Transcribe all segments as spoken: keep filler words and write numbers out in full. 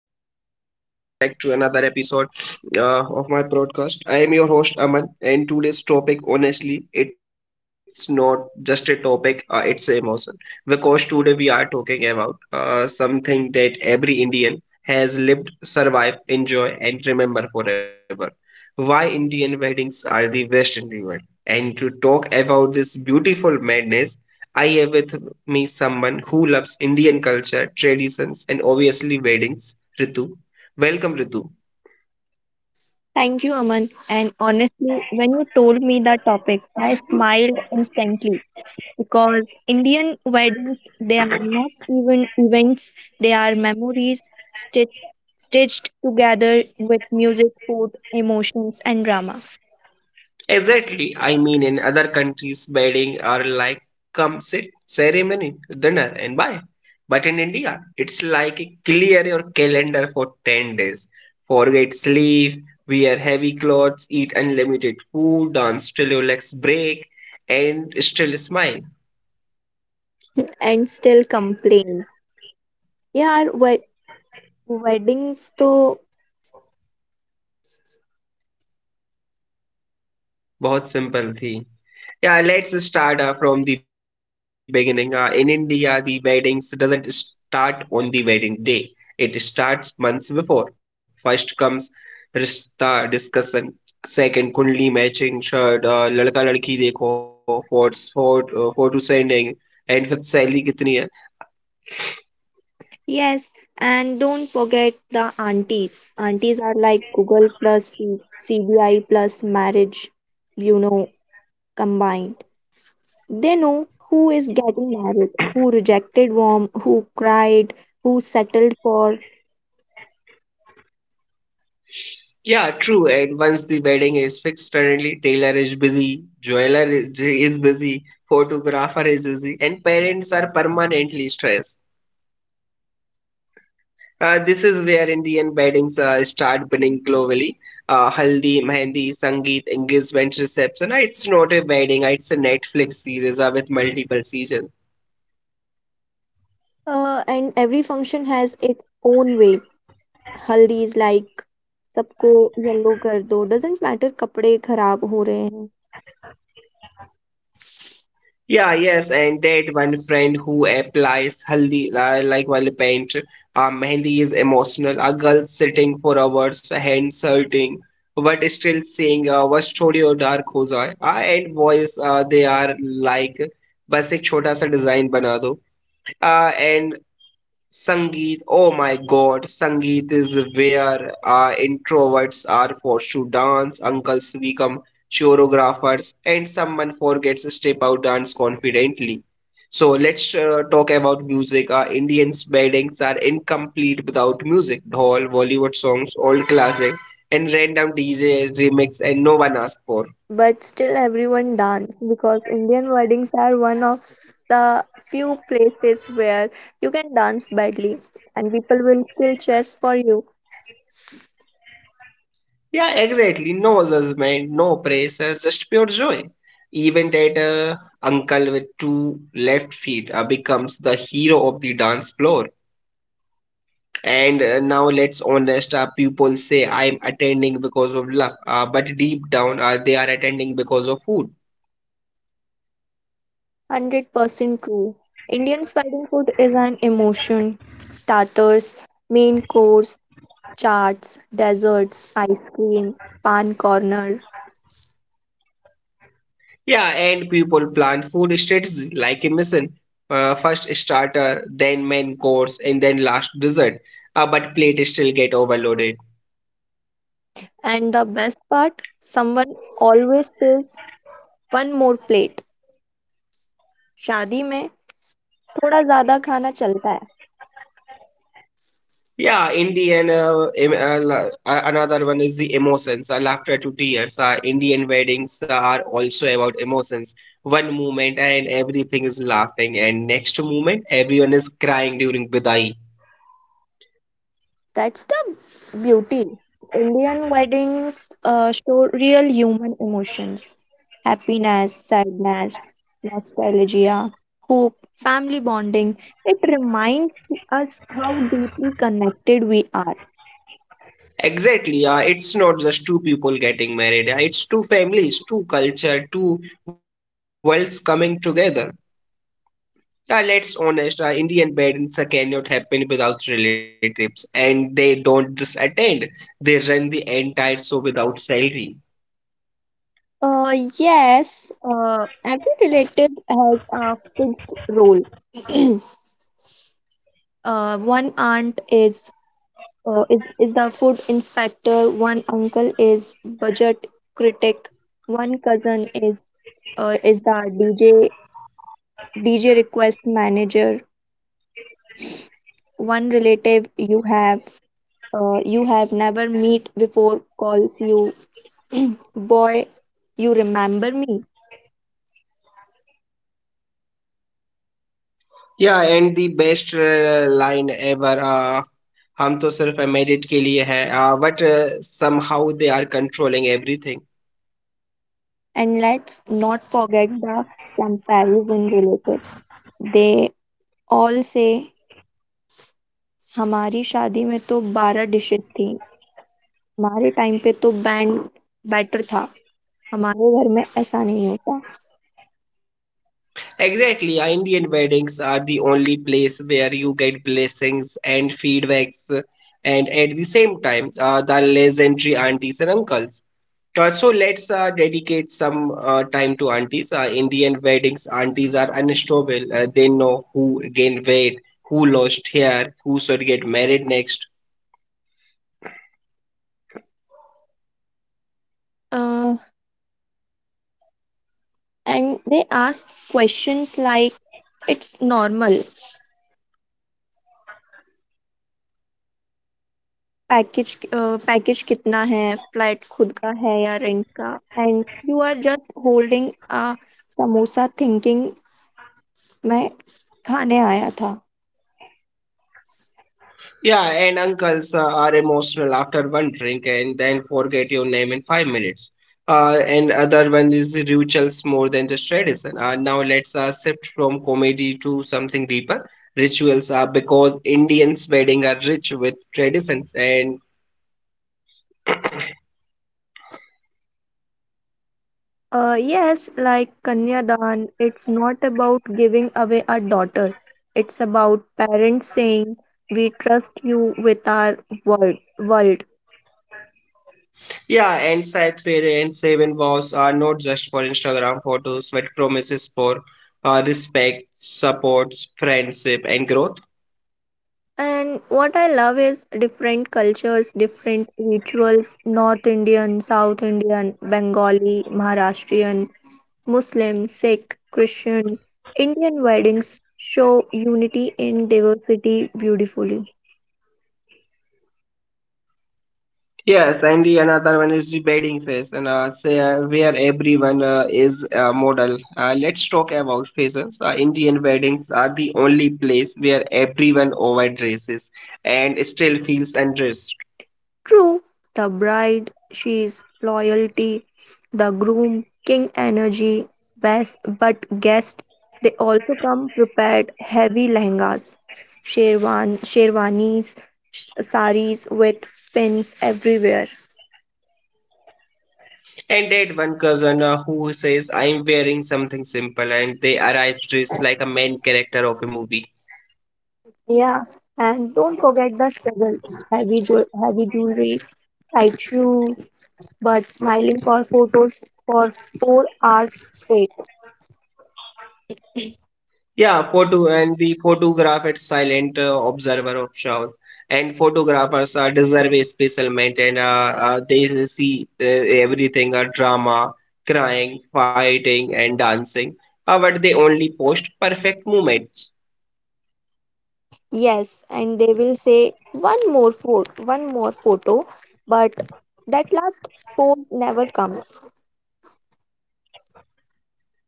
Hello everyone. Welcome back to another episode uh, of my broadcast. I am your host Aman, and today's topic, honestly, it's not just a topic; uh, it's an emotion. Because today we are talking about uh, something that every Indian has lived, survived, enjoy, and remember forever. Why Indian weddings are the best in the world. And to talk about this beautiful madness, I have with me someone who loves Indian culture, traditions, and obviously weddings Ritu. Welcome, Ritu. Thank you, Aman. And honestly, when you told me the topic, I smiled instantly because Indian weddings, they are not even events, they are memories stitched, stitched together with music, food, emotions, and drama. Exactly. I mean, in other countries, wedding are like come sit, ceremony, dinner, and bye. But in India, it's like clear your calendar for ten days. Forget sleep, wear heavy clothes, eat unlimited food, dance till your legs break, and still smile. And still complain. Yeah, wed- wedding to बहुत simple थी. Yeah, let's start uh, from the beginning. Uh, in India, the weddings doesn't start on the wedding day. It starts months before. First comes rishta discussion. Second, kundli matching. Third, Uh, ladka ladki dekho. Fourth, fourth, uh, photo sending. And fifth, salary kitni hai. yes, and don't forget the aunties. Aunties are like Google plus C- CBI plus marriage, you know, combined. They know who is getting married, who rejected warm, who cried, who settled for. Yeah, true. And once the wedding is fixed, suddenly tailor is busy, jeweler is is busy, photographer is busy, and parents are permanently stressed. Uh, this is where Indian weddings uh, start winning globally. Uh, Haldi, Mehndi, Sangeet, engagement reception. Uh, It's not a wedding, uh, it's a Netflix series uh, with multiple seasons. Uh, and every function has its own way. हल्दी is like सबको yellow कर दो doesn't matter कपड़े खराब हो रहे हैं Yeah, yes, and that one friend who applies Haldi uh, like while paint. Uh, Mehndi is emotional. A girl sitting for hours, hands hurting, but still saying, uh, "Was छोड़ियो dark हो जाए." Uh, and boys, uh, they are like, बस एक छोटा सा design बना दो. Uh, and Sangeet, oh my god, Sangeet is where uh, introverts are forced to dance, uncles become choreographers, and someone forgets to step out dance confidently. So let's uh, talk about music. Uh, Indian's weddings are incomplete without music. Dhol, Bollywood songs, old classic, and random D J remix, and no one asked for. but still everyone dance because Indian weddings are one of the few places where you can dance badly and people will still cheers for you. Yeah, exactly. No judgment, no pressure, just pure joy. Even that uh, uncle with two left feet uh, becomes the hero of the dance floor. And uh, now let's honest, uh, people say I'm attending because of love, uh, but deep down uh, they are attending because of food. one hundred percent true. Indian wedding food is an emotion. Starters, main course, charts, desserts, ice cream, pan corner. Yeah, and people plan food strategy like a mission. Uh, first starter, then main course, and then last dessert. Uh, but plate still get overloaded. And the best part, someone always says one more plate. शादी में थोड़ा ज्यादा खाना चलता है. Yeah, Indian. Uh, em- uh, la- uh, another one is the emotions. Uh, laughter to tears. Uh, Indian weddings are also about emotions. One moment and everything is laughing, and next moment everyone is crying during bidai. That's the beauty. Indian weddings uh, show real human emotions, happiness, sadness, nostalgia, hope, family bonding. It reminds us how deeply connected we are. Exactly. Uh, it's not just two people getting married. Uh, it's two families, two culture, two worlds coming together. Yeah, let's honest. Uh, Indian weddings uh, cannot happen without relatives, and they don't just attend. They run the entire show without salary. Uh, yes, uh, every relative has a fixed role. uh, one aunt is uh, is, is the food inspector, one uncle is budget critic, one cousin is uh, is the dj dj request manager, one relative you have uh, you have never meet before, calls you boy, you remember me? Yeah and the best line ever हम तो सिर्फ merit के लिए है but somehow they are controlling everything. And let's not forget the comparison relatives. They all say हमारी शादी में तो बारह डिशेस थी, हमारे टाइम पे तो बैंड बेटर था, हमारे घर में ऐसा नहीं होता. Exactly Indian weddings are the only place where you get blessings and feedbacks and at the same time the legendary aunties and uncles. So let's uh, dedicate some uh, time to aunties. Uh, Indian weddings, aunties are unstoppable. Uh, they know who gained weight, who lost hair, who should get married next. And they ask questions like it's normal, package package कितना है, flight खुद का है या rent का, and you are just holding samosa thinking मैं खाने आया था. Yeah, and uncles uh, are emotional after one drink and then forget your name in five minutes. Uh, and other one is rituals more than just tradition. Uh, now let's uh, shift from comedy to something deeper. Rituals are because Indians' wedding are rich with traditions and yes like kanyadaan, it's not about giving away a daughter, it's about parents saying we trust you with our world world yeah, and Seth Fair and Seven vows are not just for Instagram photos but promises for uh, respect, support, friendship, and growth. And what I love is different cultures, different rituals, North Indian, South Indian, Bengali, Maharashtrian, Muslim, Sikh, Christian. Indian weddings show unity in diversity beautifully. Yes, and the another one is the bedding phase, and uh, say uh, where everyone uh, is a model. Uh, let's talk about phases. Uh, Indian weddings are the only place where everyone overdresses and still feels undressed. True, the bride, she's loyalty, the groom, king energy, best, but guests, they also come prepared, heavy lehengas, sherwan, sherwanis, sh- saris with pins everywhere. And that one cousin uh, who says, "I'm wearing something simple," and they arrive dressed like a main character of a movie. Yeah, and don't forget the struggle, heavy, jewel, heavy jewelry, tight shoe, but smiling for photos for four hours straight. Yeah, photo and the photograph is silent uh, observer of shows, and photographers are deserve a special mention. Uh, uh, they see uh, everything: uh, drama, crying, fighting, and dancing. Uh, but they only post perfect moments. Yes, and they will say one more photo, one more photo, but that last pose never comes.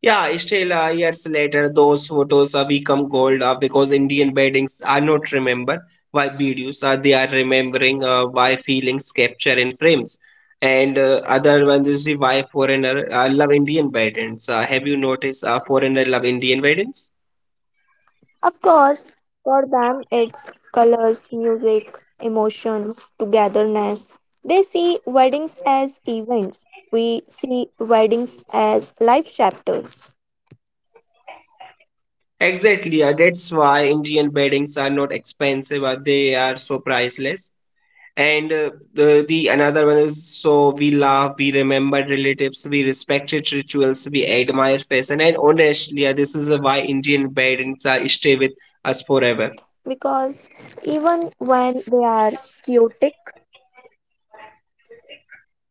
Yeah, still uh, years later, those photos uh, become gold uh, because Indian weddings are not remembered by videos. Uh, they are remembering uh, by feelings captured in frames. And uh, other one is the why foreigner uh, love Indian weddings. Uh, have you noticed uh, foreigner love Indian weddings? Of course, for them it's colors, music, emotions, togetherness. They see weddings as events. We see weddings as life chapters, Exactly. Uh, that's why Indian weddings are not expensive. Uh, they are so priceless. And uh, the, the another one is so we laugh, we remember relatives, we respect its rituals, we admire fashion, and honestly, yeah, this is uh, why Indian weddings uh, stay with us forever. because even when they are chaotic.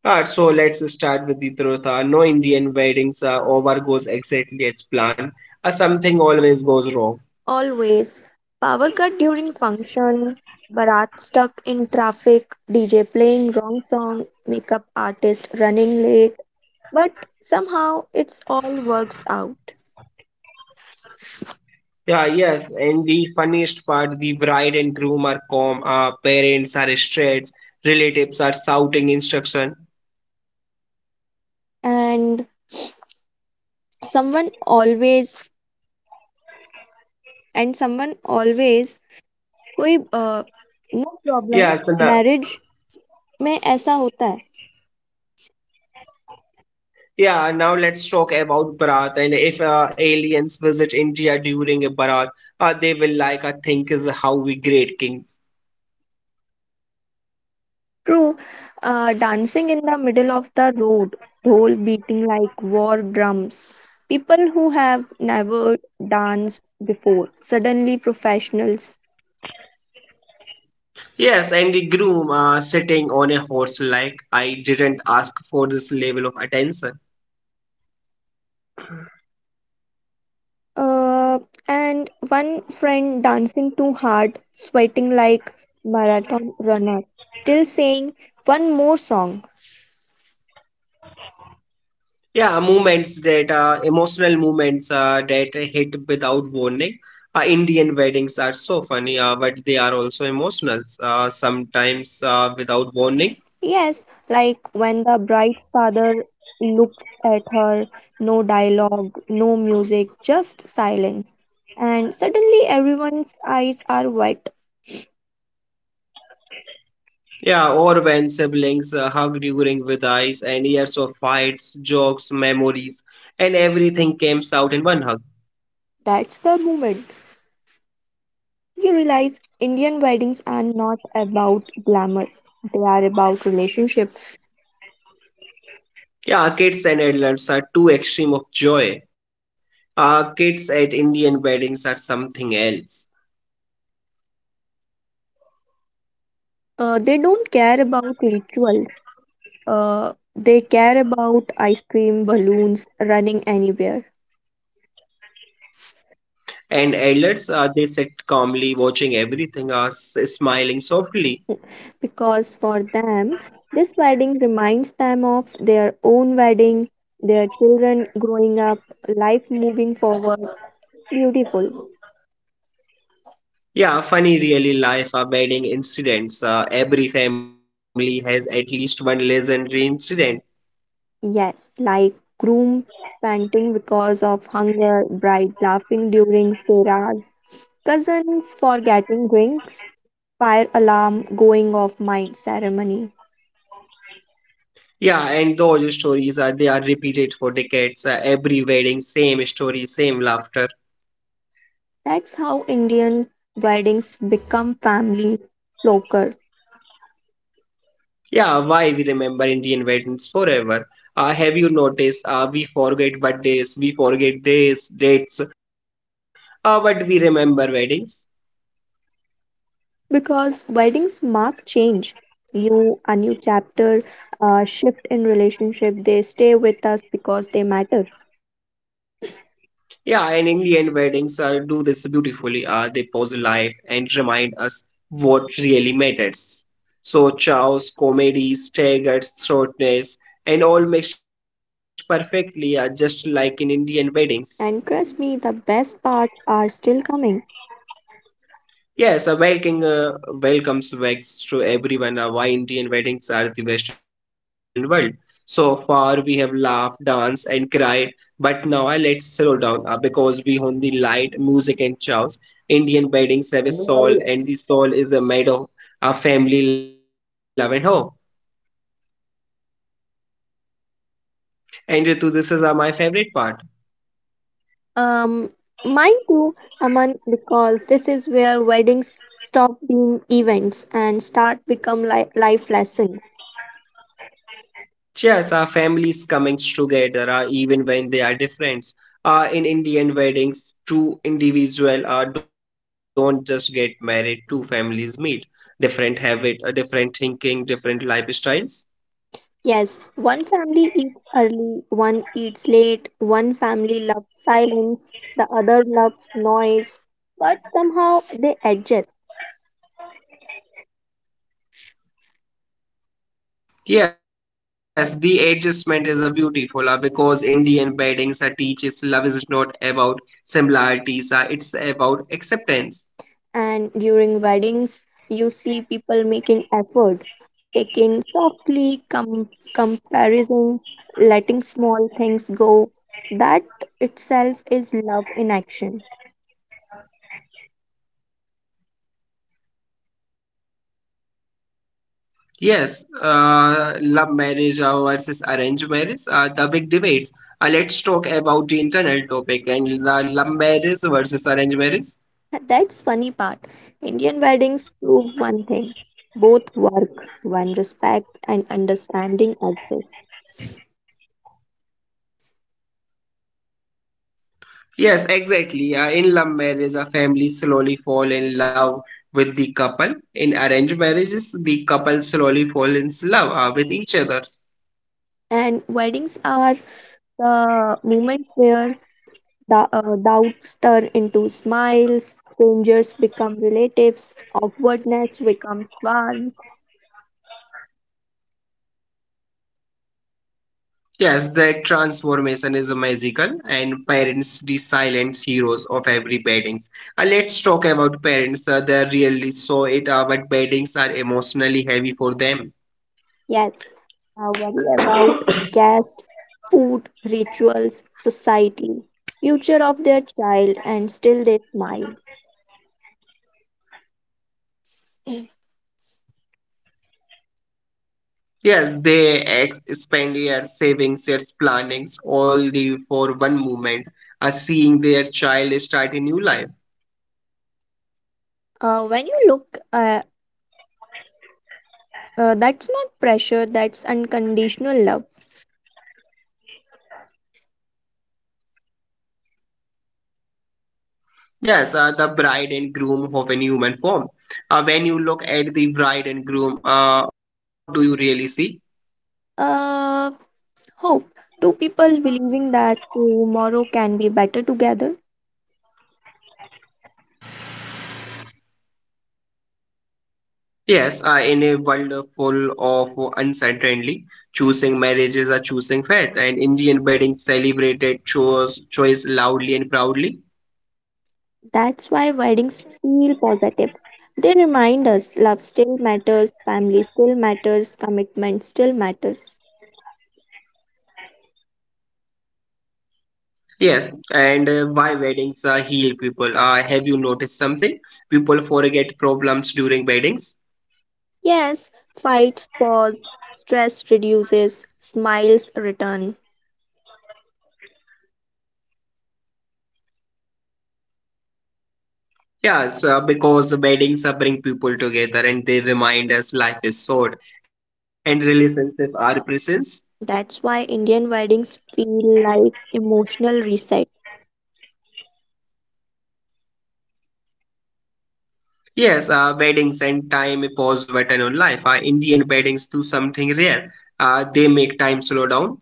Alright, so let's start with the truth. Uh, no Indian weddings uh, over goes exactly as planned. Uh, something always goes wrong. Always. Power cut during function, Bharat stuck in traffic, D J playing wrong song, makeup artist running late, but somehow it's all works out. Yeah, yes, and the funniest part, the bride and groom are calm, uh, parents are stressed, relatives are shouting instruction. And someone always, and someone always, कोई uh, no problem. Yes, and, uh, marriage में ऐसा होता है. Yeah, now let's talk about Bharat. And if uh, aliens visit India during a Bharat, uh, they will like, I think, is how we great kings. True, uh, dancing in the middle of the road, dole beating like war drums. People who have never danced before, suddenly professionals. Yes, and the groom uh, sitting on a horse, like I didn't ask for this level of attention. Uh, and one friend dancing too hard, sweating like marathon runner, still saying one more song. Yeah, moments that uh, emotional moments uh, that hit without warning. Uh, Indian weddings are so funny, uh, but they are also emotional, uh, sometimes uh, without warning. Yes, like when the bride's father looks at her, no dialogue, no music, just silence. And suddenly everyone's eyes are wet. Yeah, or when siblings uh, hugged during with and years of fights, jokes, memories, and everything came out in one hug. That's the moment you realize Indian weddings are not about glamour, they are about relationships. Yeah, kids and adults are two extreme of joy. Uh, kids at Indian weddings are something else. Uh, they don't care about rituals, uh, they care about ice cream, balloons, running anywhere. And adults, uh, they sit calmly watching everything, uh, s- smiling softly. Because for them, this wedding reminds them of their own wedding, their children growing up, life moving forward. Beautiful. Yeah, funny really life uh, wedding incidents. Uh, every family has at least one legendary incident. Yes, like groom panting because of hunger, bride laughing during Sarah's, cousins forgetting rings, fire alarm going off mid ceremony. Yeah, and those stories are they are repeated for decades. Uh, every wedding, same story, same laughter. That's how Indian weddings become family folklore. Yeah, why we remember Indian weddings forever? Uh, have you noticed? Uh, we forget birthdays, we forget days, dates, uh, but we remember weddings. Because weddings mark change, new a new chapter, a shift in relationship. They stay with us because they matter. Yeah, and Indian weddings uh, do this beautifully. Uh, they pause life and remind us what really matters. So, chaos, comedies, staggered shortness, and all mixed perfectly, uh, just like in Indian weddings. And trust me, the best parts are still coming. Yes, a welcoming uh, welcomes back to everyone uh, why Indian weddings are the Western world. So far, we have laughed, danced, and cried, but now uh, let's slow down uh, because we own the light, music, and chows. Indian weddings have a soul, and the soul is uh, made of our family, love, and hope. And Ritu, this is uh, my favorite part. um Mine too, Aman, because this is where weddings stop being events and start become li- life lessons. Yes, our families coming together uh, even when they are different. Uh, in Indian weddings, two individuals uh, don't just get married, two families meet. Different habit, uh, different thinking, different lifestyles. Yes, one family eats early, one eats late, one family loves silence, the other loves noise, but somehow they adjust. Yes, the adjustment is a beautiful uh, because Indian weddings uh, teaches love is not about similarities, uh, it's about acceptance. And during weddings you see people making effort, taking softly com- comparison, letting small things go. That itself is love in action. Yes, uh, love marriage uh, versus arranged marriage are the big debates. Uh, let's talk about the internal topic and the love marriage versus arranged marriage. That's funny part, Indian weddings prove one thing, both work when respect and understanding exist. Yes, exactly. Uh, in love marriage, a family slowly fall in love with the couple. In arranged marriages, the couple slowly fall in love uh, with each other. And weddings are the moment where Da- uh, doubts turn into smiles, strangers become relatives, awkwardness becomes warmth. Yes, that transformation is magical, and parents, the silent heroes of every weddings. Uh, let's talk about parents. Uh, they really saw it, uh, but weddings are emotionally heavy for them. Yes, I worry about caste, food, rituals, society, future of their child, and still they smile. Yes, they ex- spend their savings, their plannings, all the for one moment, uh, seeing their child start a new life. Uh, when you look, uh, uh, that's not pressure, that's unconditional love. Yes, uh, the bride and groom of a human form. Uh, when you look at the bride and groom, uh, what do you really see? Uh, hope. Two people believing that tomorrow can be better together. Yes, uh, in a world full of uncertainty, choosing marriages or choosing faith, and Indian weddings celebrated chose choice loudly and proudly. That's why weddings feel positive. They remind us love still matters, family still matters, commitment still matters. Yes, and uh, why weddings uh, heal people? Uh, have you noticed something? People forget problems during weddings. Yes, fights pause, stress reduces, smiles return. Yes, uh, because weddings uh, bring people together and they remind us life is short and relationships are precious. That's why Indian weddings feel like emotional reset. Yes, uh, weddings and time pause button on life. Uh, Indian weddings do something rare. Uh, they make time slow down.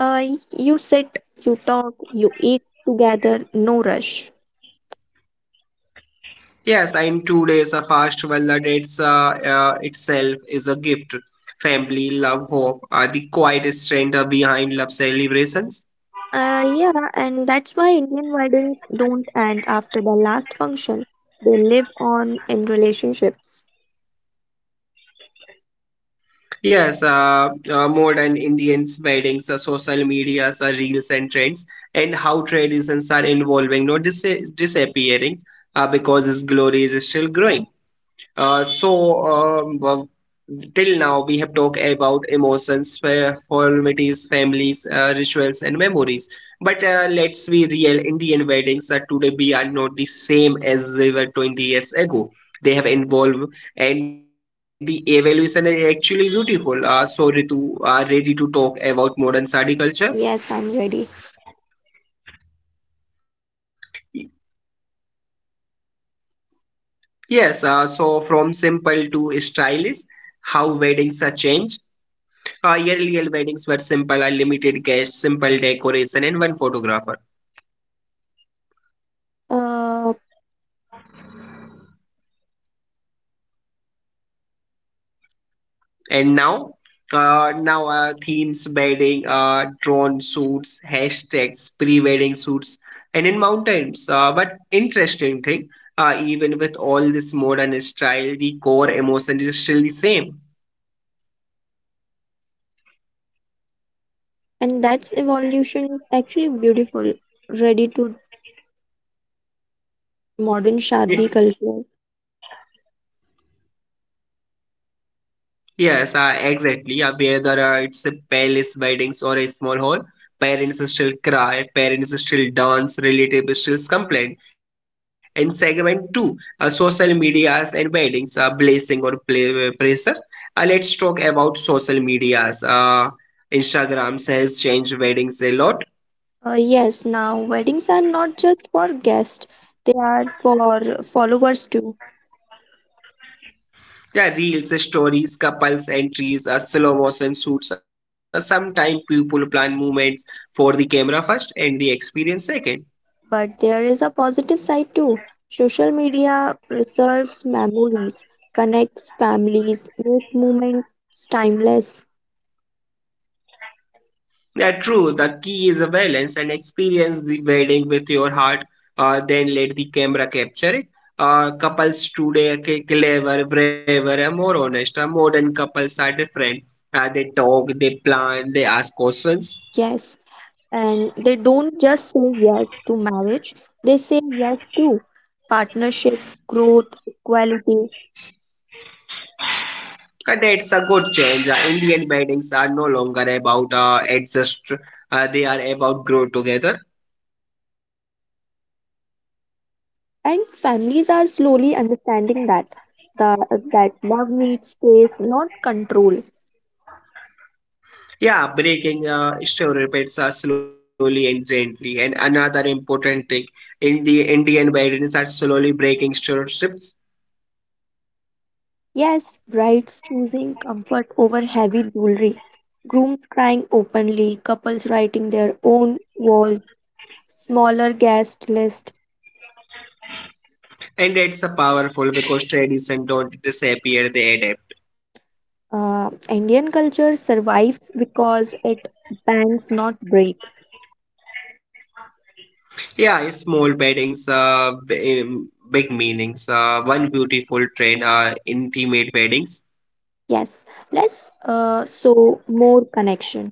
Uh, you sit, you talk, you eat together, no rush. Yes, in two days, a fast well that it's uh, uh, itself is a gift. Family, love, hope are the quiet strength uh, behind love celebrations. Uh, yeah, and that's why Indian weddings don't end after the last function. They live on in relationships. Yes, uh, uh, more than Indians' weddings, uh, social medias, uh, reels and trends, and how traditions are evolving, not dis- disappearing, uh, because its glory is still growing. Uh, so, um, well, till now we have talked about emotions, formalities, families, uh, rituals, and memories. But uh, let's be real, Indian weddings are today we are not the same as they were twenty years ago. They have evolved, and the evolution is actually beautiful. Uh, so, Ritu, are ready to talk about modern sari culture? Yes, I'm ready. Yes. Uh, so, from simple to stylish, how weddings are changed Our earlier weddings were simple, a limited guest, simple decoration, and one photographer. Uh, And now, uh, now uh, themes, wedding, uh, drone shoots, hashtags, pre-wedding shoots, and in mountains. Uh, but interesting thing, uh, even with all this modern style, the core emotion is still the same. and that's evolution actually beautiful. Ready to modern shadi culture. Yes, uh, exactly. Uh, whether uh, it's a palace weddings or a small hall, parents still cry, parents still dance, relatives still complain. And segment two, uh, social medias and weddings, uh, blessing or play, pressure. Uh, let's talk about social medias. Uh, Instagram has changed weddings a lot. Uh, yes, now weddings are not just for guests; they are for followers too. Yeah, reels, stories, couples, entries, uh, slow motion shoots. Uh, sometimes people plan movements for the camera first and the experience second But there is a positive side too. Social media preserves memories, connects families, make moments timeless. Yeah, true. The key is a balance and experience the wedding with your heart. Uh, then let the camera capture it. Uh, couples today are ca- clever, braver, and more honest. Uh, modern couples are different. Uh, they talk, they plan, they ask questions. Yes, and they don't just say yes to marriage, they say yes to partnership, growth, equality. Uh, that's a good change. Uh, Indian weddings are no longer about uh, adjust. Uh, they are about grow together. And families are slowly understanding that the that love needs space, not control. Yeah, breaking uh, stereotypes are slowly and gently. And another important thing in the Indian weddings are slowly breaking stereotypes. Yes, brides choosing comfort over heavy jewelry, grooms crying openly, couples writing their own vows, smaller guest list. And it's a powerful because tradition don't disappear, they adapt. Uh, indian culture survives because it bends, not breaks. Yeah, small weddings, uh, b- um, big meanings. Uh, one beautiful trend, uh, intimate weddings. Yes, let's uh, show more connection.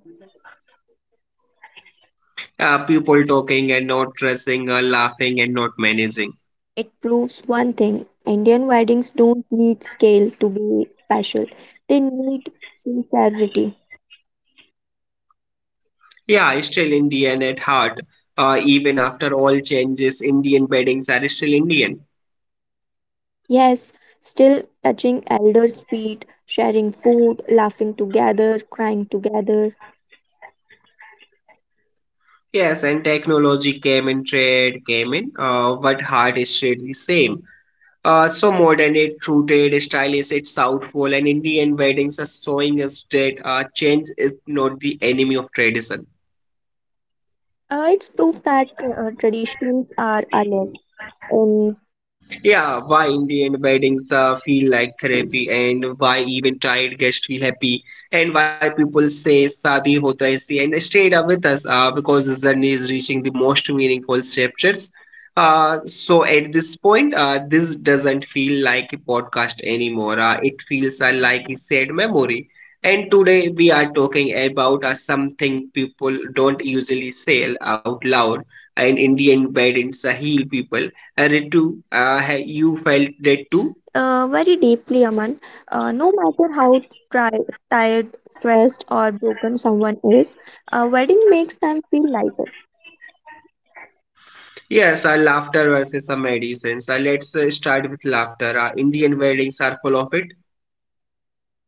Uh, people talking and not dressing, uh, laughing and not managing. It proves one thing, Indian weddings don't need scale to be special, they need sincerity. Yeah, still Indian at heart. Uh, even after all changes, Indian weddings are still Indian. Yes, still touching elders' feet, sharing food, laughing together, crying together. Yes, and technology came in, trade came in, uh, but heart is stayed the same. Uh, so modern it rooted, stylish it's southful, and Indian weddings are showing us that uh, change is not the enemy of tradition. Uh, it's proof that uh, traditions are alive. And Yeah, why in the end weddings uh, feel like therapy and why even tired guests feel happy and why people say Sadi hota hai isi and stayed up with us uh, because this journey is reaching the most meaningful chapters. Uh, so at this point, uh, this doesn't feel like a podcast anymore. Uh, it feels uh, like a sad memory. And today we are talking about uh, something people don't usually say out loud and Indian weddings uh, heal people uh, Ritu, uh, ha- you felt that too? uh, very deeply, Aman. Uh, no matter how tri- tired, stressed, or broken someone is, a wedding makes them feel lighter. Yes, uh, laughter versus uh, medicine. So let's uh, start with laughter. Uh, Indian weddings are full of it,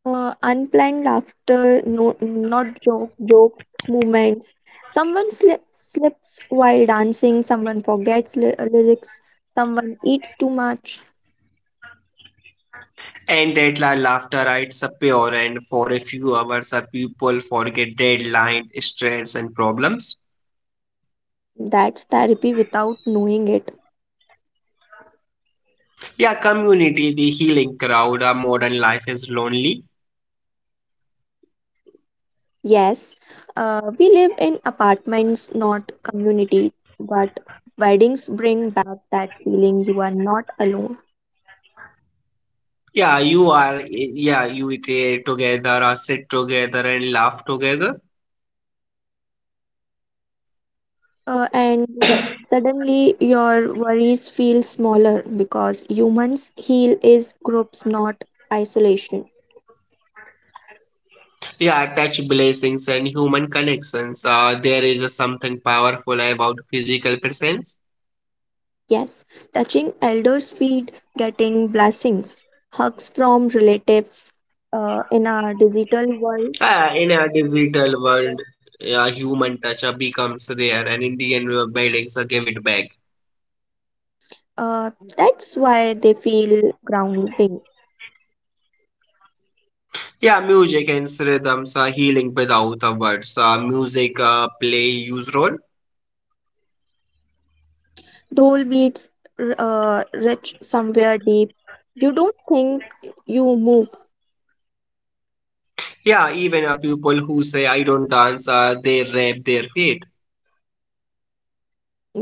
Uh, unplanned laughter, no, not joke, joke moments. Someone sli- slips while dancing, someone forgets ly- lyrics, someone eats too much. and that la laughter uh, it's uh, pure. And for a few hours, uh, people forget deadline, stress, and problems. That's therapy without knowing it. Yeah, community, the healing crowd. Uh, modern life is lonely. Yes, uh, we live in apartments, not communities, but weddings bring back that feeling, you are not alone. Yeah, you are. eh, Yeah, you eat uh, together, uh, sit together, and laugh together. Uh, and suddenly your worries feel smaller because humans heal is groups, not isolation. Yeah, touch blessings and human connections. Uh, there is a something powerful about physical presence. Yes, touching elders' feet, getting blessings, hugs from relatives uh, in our digital world, Uh, in a digital world, a human touch uh, becomes rare, and Indian weddings uh, give it back. uh, that's why they feel grounding. Yeah, music and rhythms are healing without uh, words. Uh, music uh, play huge role. Dole beats r- uh, rich somewhere deep. You don't think, you move, Yeah, even uh, people who say I don't dance, uh, they rap their feet.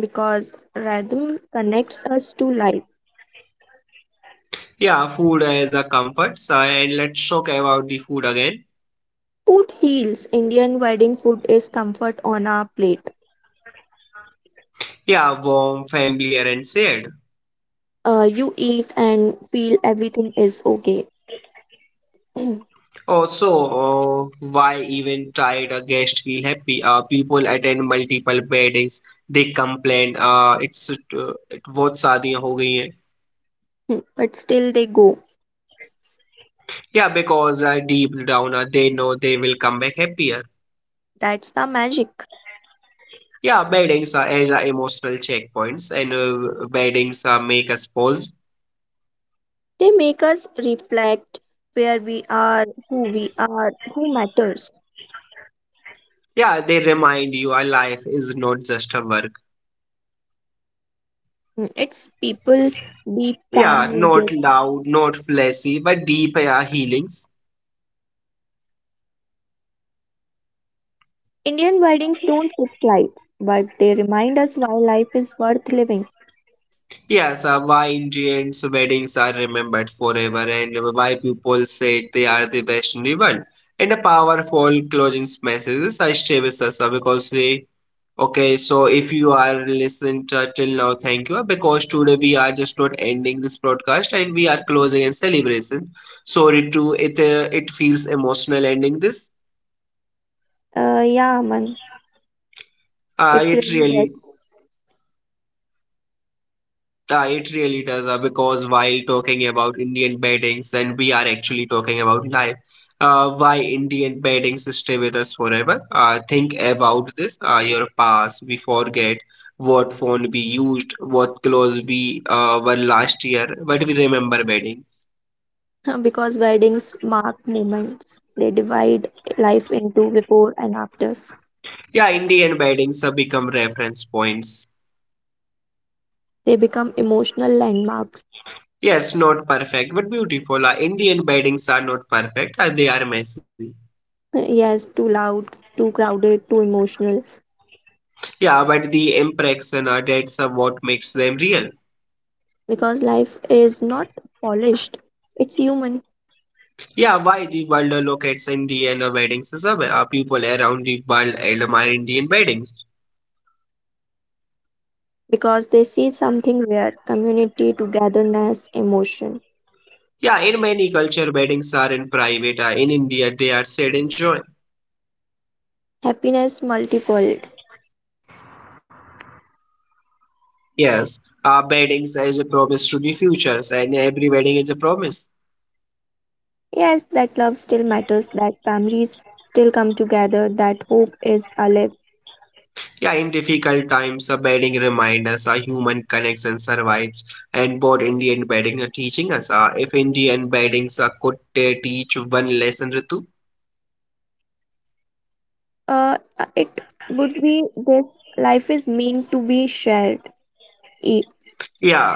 because rhythm connects us to life. Yeah, food is a comfort. So, and let's talk about the food again. Food heals. Indian wedding food is comfort on a plate. Yeah, warm, familiar, and shared. Uh, you eat and feel everything is okay. Also, uh, why even tried a guest feel happy? Uh, people attend multiple weddings. They complain. Uh, it's uh, it बहुत शादियां हो गई हैं. But still they go. Yeah, because uh, deep down uh, they know they will come back happier. That's the magic. Yeah, weddings are as are emotional checkpoints, and uh, weddings uh, make us pause. They make us reflect where we are, who we are, who matters. Yeah, they remind you our life is not just a work. Mm, it's people, deep, calm Yeah, music. not loud, not flashy, but deep uh, healings. Indian weddings don't fix life, but they remind us why life is worth living. Yes, uh, why Indians' weddings are remembered forever and why people say they are the best in the world. And a powerful closing message I stay with us uh, because they okay. So if you are listened uh, till now, thank you because today we are just not ending this broadcast and we are closing and celebration. Sorry to it, uh, it feels emotional ending this. Uh, yeah, man, Uh, it's it really really Uh, it really does uh, because while talking about Indian beddings, and we are actually talking about life, uh, why Indian beddings stay with us forever. Uh, think about this, uh, your past. We forget what phone we used, what clothes we uh, were last year, but we remember beddings. Uh, because weddings mark moments. They divide life into before and after. Yeah, Indian beddings have become reference points. They become emotional landmarks. Yes, not perfect, but beautiful. Uh, Indian beddings are not perfect, uh, they are messy. Uh, Yes, too loud, too crowded, too emotional. Yeah, but the impression uh, that's uh, what makes them real. Because life is not polished, it's human. Yeah, why the world locates Indian weddings as a uh, people around the world admire Indian weddings. Because they see something rare, community, togetherness, emotion, Yeah, in many culture weddings are in private. Uh, in India, they are said in joy. happiness multifold. Yes, uh, weddings is a promise to the futures, and every wedding is a promise. Yes, that love still matters, that families still come together, that hope is alive. Yeah, in difficult times, a wedding reminds us a human connects and survives. And both Indian wedding are teaching us. Uh, if Indian weddings uh, could uh, teach one lesson, Ritu, uh, uh, It would be this, life is meant to be shared. E- Yeah.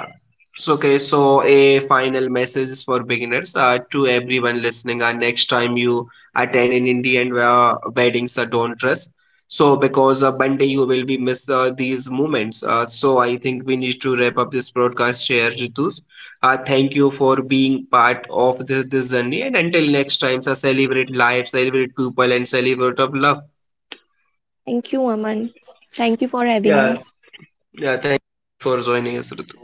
So, okay, so a final message for beginners uh, to everyone listening. Uh, next time you attend an Indian uh, wedding, so don't dress. So, because uh, one day you will be miss uh, these moments. Uh, so, I think we need to wrap up this broadcast here, Ritu. Uh, thank you for being part of this, this journey. And until next time, so celebrate life, celebrate people, and celebrate of love. Thank you, Aman. Thank you for having me. Yeah, yeah. Thank you for joining us, Ritu.